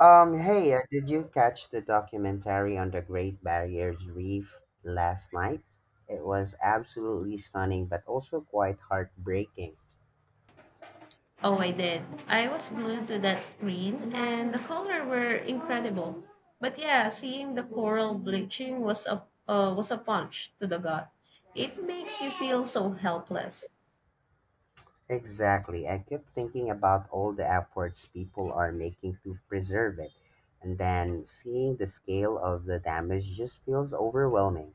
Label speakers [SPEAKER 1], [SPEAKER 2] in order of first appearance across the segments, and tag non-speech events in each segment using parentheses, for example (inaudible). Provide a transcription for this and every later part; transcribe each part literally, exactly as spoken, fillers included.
[SPEAKER 1] Um, hey, uh, did you catch the documentary on the Great Barriers Reef last night? It was absolutely stunning, but also quite heartbreaking.
[SPEAKER 2] Oh, I did. I was glued to that screen, and the color were incredible. But yeah, seeing the coral bleaching was a uh, was a punch to the gut. It makes you feel so helpless.
[SPEAKER 1] Exactly. I kept thinking about all the efforts people are making to preserve it, and then seeing the scale of the damage just feels overwhelming.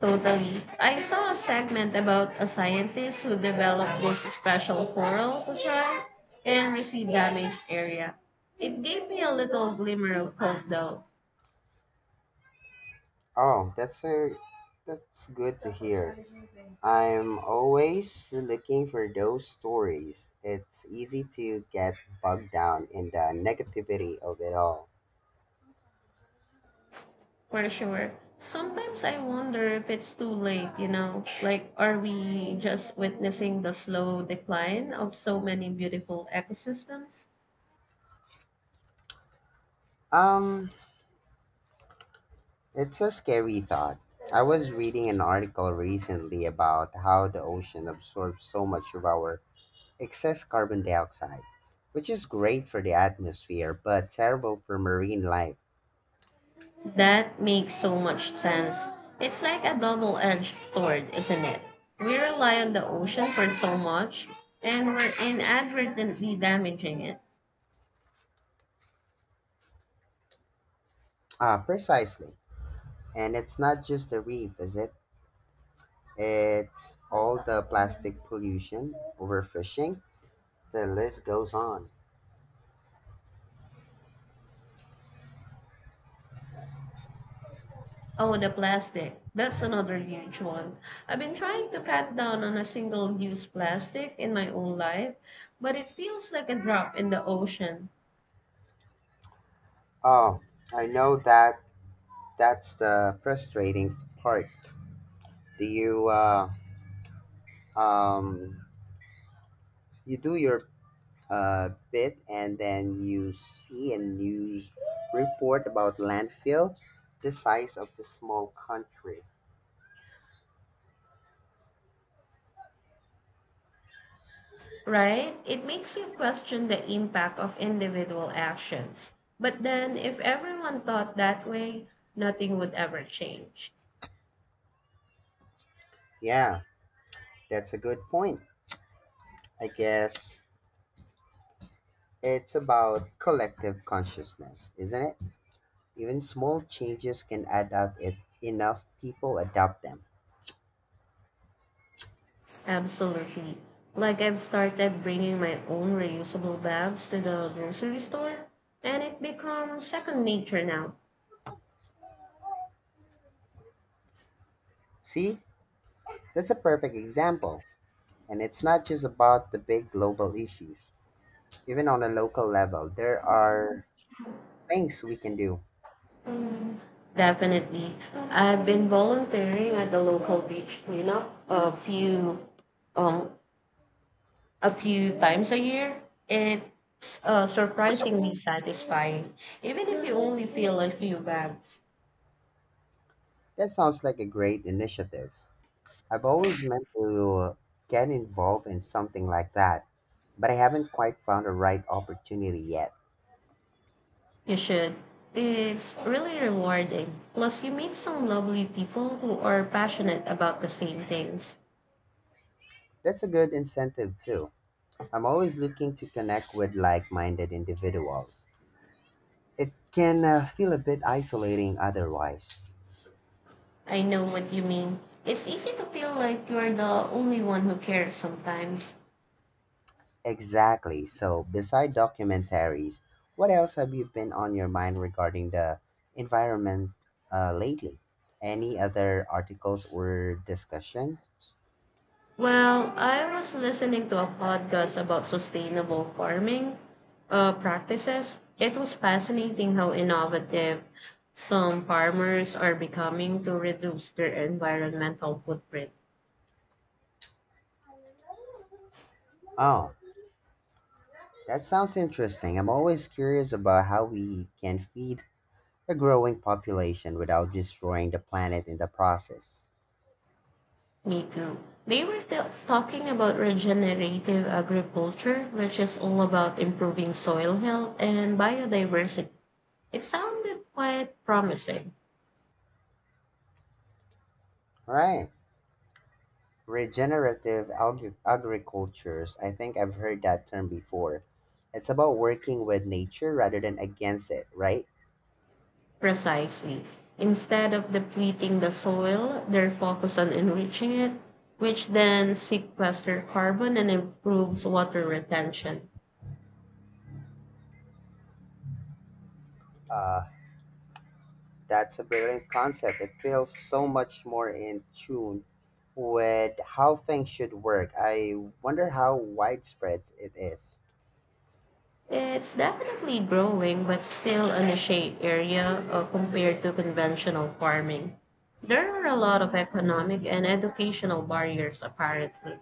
[SPEAKER 2] Totally. I saw a segment about a scientist who developed this special coral to thrive and receive damaged area. It gave me a little glimmer of hope, though.
[SPEAKER 1] Oh, that's a that's good to hear. I'm always looking for those stories. It's easy to get bogged down in the negativity of it all.
[SPEAKER 2] For sure. Sometimes I wonder if it's too late, you know? Like, are we just witnessing the slow decline of so many beautiful ecosystems?
[SPEAKER 1] Um, it's a scary thought. I was reading an article recently about how the ocean absorbs so much of our excess carbon dioxide, which is great for the atmosphere but terrible for marine life.
[SPEAKER 2] That makes so much sense. It's like a double edged sword, isn't it? We rely on the ocean for so much, and we're inadvertently damaging it.
[SPEAKER 1] Ah, precisely. And it's not just the reef, is it? It's all the plastic pollution, overfishing, the list goes on.
[SPEAKER 2] Oh, the plastic. That's another huge one. I've been trying to cut down on a single-use plastic in my own life, but it feels like a drop in the ocean,
[SPEAKER 1] Oh, I know that that's the frustrating part. Do you uh, um you do your uh, bit and then you see a news report about landfill the size of the small country.
[SPEAKER 2] right? It makes you question the impact of individual actions. But then, if everyone thought that way, nothing would ever change.
[SPEAKER 1] Yeah, that's a good point. I guess it's about collective consciousness, isn't it? Even small changes can add up if enough people adopt them.
[SPEAKER 2] Absolutely. Like I've started bringing my own reusable bags to the grocery store, and it becomes second nature now.
[SPEAKER 1] See, that's a perfect example. And it's not just about the big global issues. Even on a local level, there are things we can do.
[SPEAKER 2] Definitely. I've been volunteering at the local beach cleanup a few um a few times a year. It's uh, surprisingly satisfying. Even if you only feel a few bags,
[SPEAKER 1] That sounds like a great initiative. I've always meant to get involved in something like that, but I haven't quite found the right opportunity yet.
[SPEAKER 2] you should. It's really rewarding. Plus, you meet some lovely people who are passionate about the same things.
[SPEAKER 1] That's a good incentive too. I'm always looking to connect with like-minded individuals. It can uh, feel a bit isolating otherwise.
[SPEAKER 2] I know what you mean. It's easy to feel like you're the only one who cares sometimes.
[SPEAKER 1] Exactly. So, beside documentaries, what else have you been on your mind regarding the environment uh, lately? Any other articles or discussions?
[SPEAKER 2] Well, I was listening to a podcast about sustainable farming uh, practices. It was fascinating how innovative some farmers are becoming to reduce their environmental footprint.
[SPEAKER 1] Oh, that sounds interesting. I'm always curious about how we can feed a growing population without destroying the planet in the process.
[SPEAKER 2] Me too. They were t- talking about regenerative agriculture, which is all about improving soil health and biodiversity. It sounded quite promising.
[SPEAKER 1] Right. Regenerative agri- agricultures, I think I've heard that term before. It's about working with nature rather than against it, right?
[SPEAKER 2] Precisely. Instead of depleting the soil, they're focused on enriching it, which then sequesters carbon and improves water retention.
[SPEAKER 1] Uh, that's a brilliant concept. It feels so much more in tune with how things should work. I wonder how widespread it is.
[SPEAKER 2] It's definitely growing, but still a niche area uh, compared to conventional farming. There are a lot of economic and educational barriers, apparently.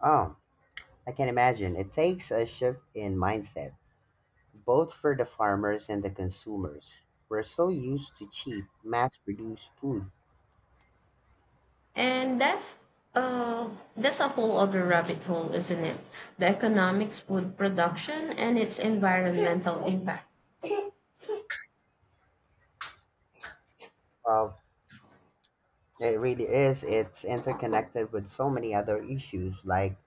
[SPEAKER 1] Oh, I can imagine. It takes a shift in mindset, both for the farmers and the consumers. We're so used to cheap, mass produced food.
[SPEAKER 2] And that's uh, that's a whole other rabbit hole, isn't it? The economics, food production, and its environmental impact.
[SPEAKER 1] Well, it really is. It's interconnected with so many other issues like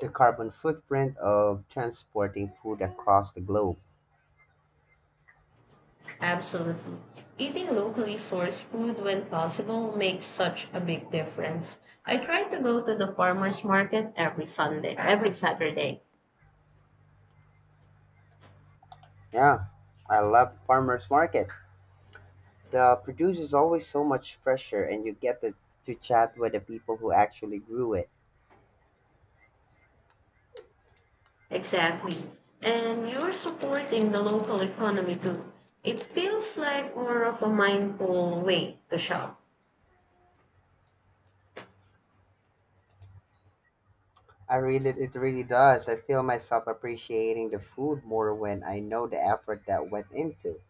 [SPEAKER 1] the carbon footprint of transporting food across the globe.
[SPEAKER 2] Absolutely. Eating locally sourced food when possible makes such a big difference. I try to go to the farmers market every Sunday, every Saturday.
[SPEAKER 1] Yeah, I love farmers market. The produce is always so much fresher and you get to, to chat with the people who actually grew it.
[SPEAKER 2] Exactly. And you're supporting the local economy too. It feels like more of a mindful way to shop.
[SPEAKER 1] I really It really does. I feel myself appreciating the food more when I know the effort that went into.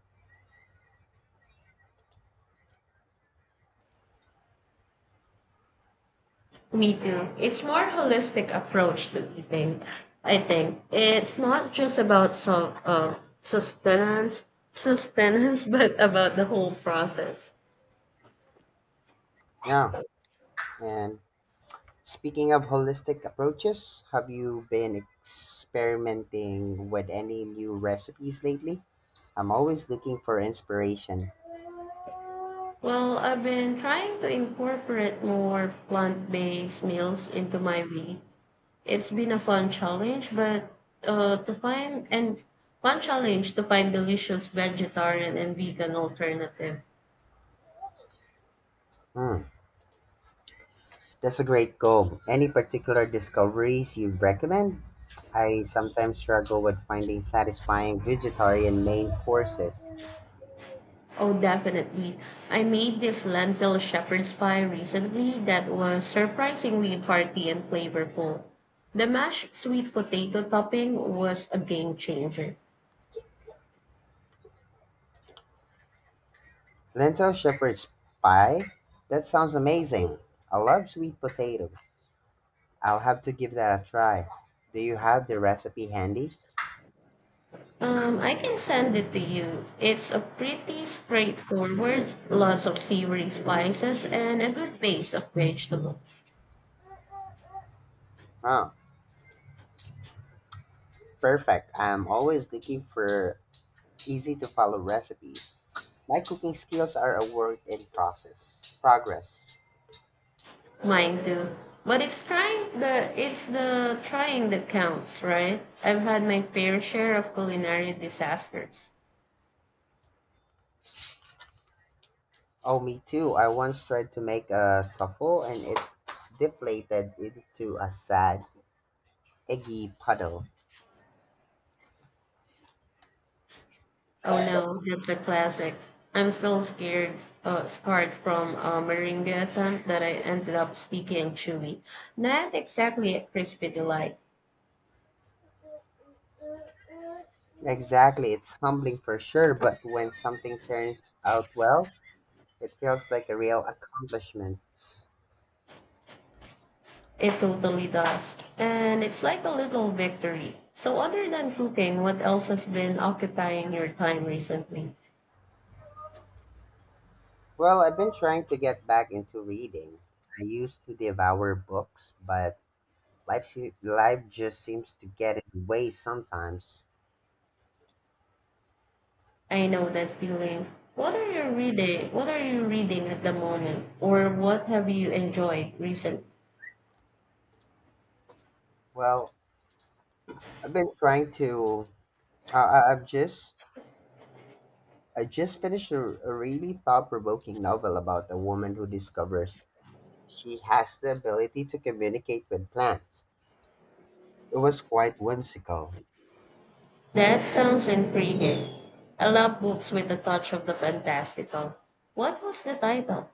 [SPEAKER 2] Me too. It's more holistic approach to eating. I think it's not just about so, uh, sustenance, sustenance, (laughs) but about the whole process.
[SPEAKER 1] Yeah, and speaking of holistic approaches, have you been experimenting with any new recipes lately? I'm always looking for inspiration.
[SPEAKER 2] Well, I've been trying to incorporate more plant based meals into my week. It's been a fun challenge, but uh, to find and fun challenge to find delicious vegetarian and vegan alternative.
[SPEAKER 1] Hmm, that's a great goal. Any particular discoveries you recommend? I sometimes struggle with finding satisfying vegetarian main courses.
[SPEAKER 2] Oh, definitely. I made this lentil shepherd's pie recently that was surprisingly hearty and flavorful. The mashed sweet potato topping was a game changer.
[SPEAKER 1] Lentil shepherd's pie? That sounds amazing. I love sweet potato. I'll have to give that a try. Do you have the recipe handy?
[SPEAKER 2] Um, I can send it to you. It's a pretty straightforward, lots of savory spices and a good base of vegetables.
[SPEAKER 1] Huh. Perfect. I'm always looking for easy to follow recipes. My cooking skills are a work in process. progress.
[SPEAKER 2] Mine too. But it's trying the it's the trying that counts, right? I've had my fair share of culinary disasters.
[SPEAKER 1] Oh, me too. I once tried to make a souffle and it deflated into a sad, eggy puddle.
[SPEAKER 2] Oh no, that's a classic. I'm still scared, uh, scarred from a meringue attempt that I ended up sticky and chewy. Not exactly a crispy delight.
[SPEAKER 1] Exactly. It's humbling for sure, but when something turns out well, it feels like a real accomplishment.
[SPEAKER 2] It totally does. And it's like a little victory. So, other than cooking, what else has been occupying your time recently?
[SPEAKER 1] Well, I've been trying to get back into reading. I used to devour books, but Life, se- life just seems to get in the way sometimes.
[SPEAKER 2] I know that feeling. What are you reading? What are you reading at the moment? Or what have you enjoyed recently?
[SPEAKER 1] Well, I've been trying to. Uh, I- I've just I just finished a, a really thought-provoking novel about a woman who discovers she has the ability to communicate with plants. It was quite whimsical.
[SPEAKER 2] That sounds intriguing. I love books with a touch of the fantastical. What was the title?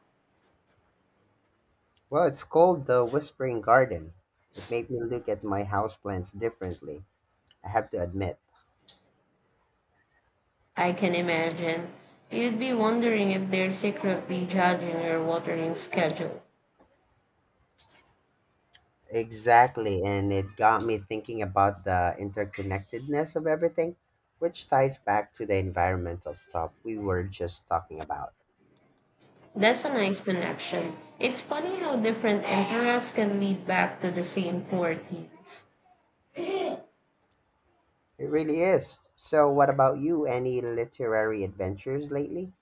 [SPEAKER 1] Well, it's called The Whispering Garden. It made me look at my houseplants differently, I have to admit.
[SPEAKER 2] I can imagine. You'd be wondering if they're secretly judging your watering schedule.
[SPEAKER 1] Exactly, and it got me thinking about the interconnectedness of everything, which ties back to the environmental stuff we were just talking about.
[SPEAKER 2] That's a nice connection. It's funny how different interests can lead back to the same core themes.
[SPEAKER 1] It really is. So, what about you? Any literary adventures lately?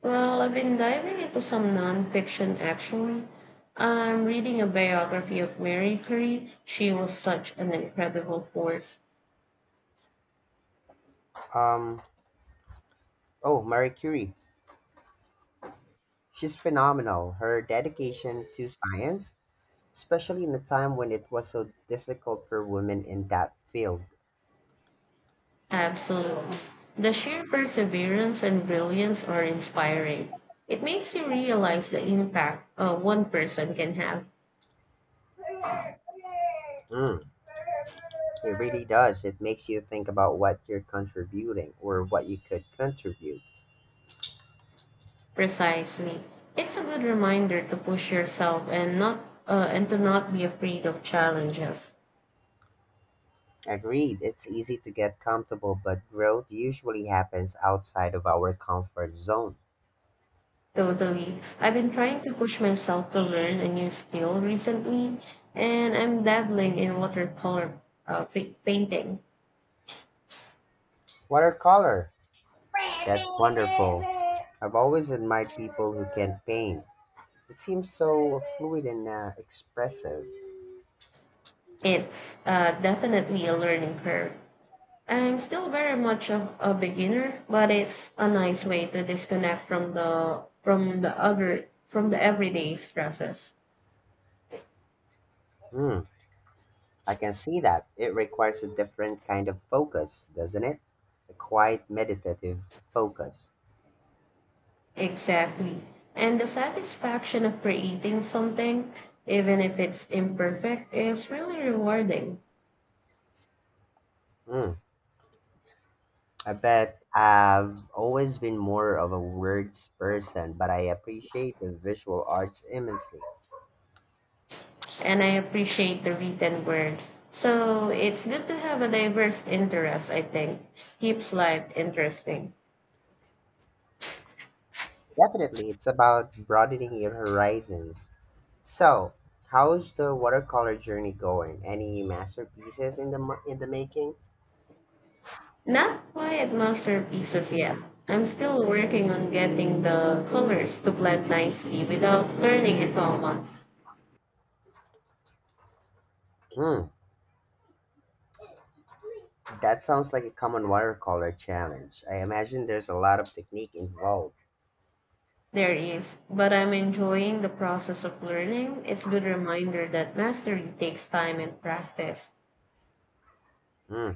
[SPEAKER 2] Well, I've been diving into some nonfiction actually. I'm reading a biography of Mary Curie. She was such an incredible force.
[SPEAKER 1] Um, oh, Marie Curie. She's phenomenal. Her dedication to science, especially in a time when it was so difficult for women in that field.
[SPEAKER 2] Absolutely. The sheer perseverance and brilliance are inspiring. It makes you realize the impact uh, one person can have.
[SPEAKER 1] Mm. It really does. It makes you think about what you're contributing or what you could contribute.
[SPEAKER 2] Precisely. It's a good reminder to push yourself and not uh, and to not be afraid of challenges.
[SPEAKER 1] Agreed. It's easy to get comfortable, but growth usually happens outside of our comfort zone.
[SPEAKER 2] Totally. I've been trying to push myself to learn a new skill recently, and I'm dabbling in watercolor uh, fa- painting.
[SPEAKER 1] Watercolor. That's wonderful. I've always admired people who can paint. It seems so fluid and uh, expressive.
[SPEAKER 2] It's uh, definitely a learning curve. I'm still very much a, a beginner, but it's a nice way to disconnect from the from the other from the everyday stresses.
[SPEAKER 1] Hmm, I can see that. It requires a different kind of focus, doesn't it? A quiet, meditative focus.
[SPEAKER 2] Exactly. And the satisfaction of creating something, even if it's imperfect, is really rewarding.
[SPEAKER 1] Hmm. I bet I've always been more of a words person, but I appreciate the visual arts immensely.
[SPEAKER 2] And I appreciate the written word. So it's good to have a diverse interest, I think. Keeps life interesting.
[SPEAKER 1] Definitely, it's about broadening your horizons. So, how's the watercolor journey going? Any masterpieces in the mar- in the making?
[SPEAKER 2] Not quite masterpieces yet. I'm still working on getting the colors to blend nicely without turning into a month.
[SPEAKER 1] Hmm, that sounds like a common watercolor challenge. I imagine there's a lot of technique involved.
[SPEAKER 2] There is, but I'm enjoying the process of learning. It's a good reminder that mastery takes time and practice.
[SPEAKER 1] Hmm,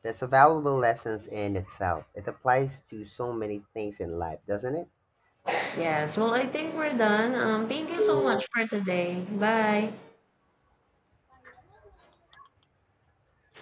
[SPEAKER 1] that's a valuable lesson in itself. It applies to so many things in life, doesn't it?
[SPEAKER 2] Yes, well, I think we're done. Um, thank you so much
[SPEAKER 1] You
[SPEAKER 2] for today. Bye.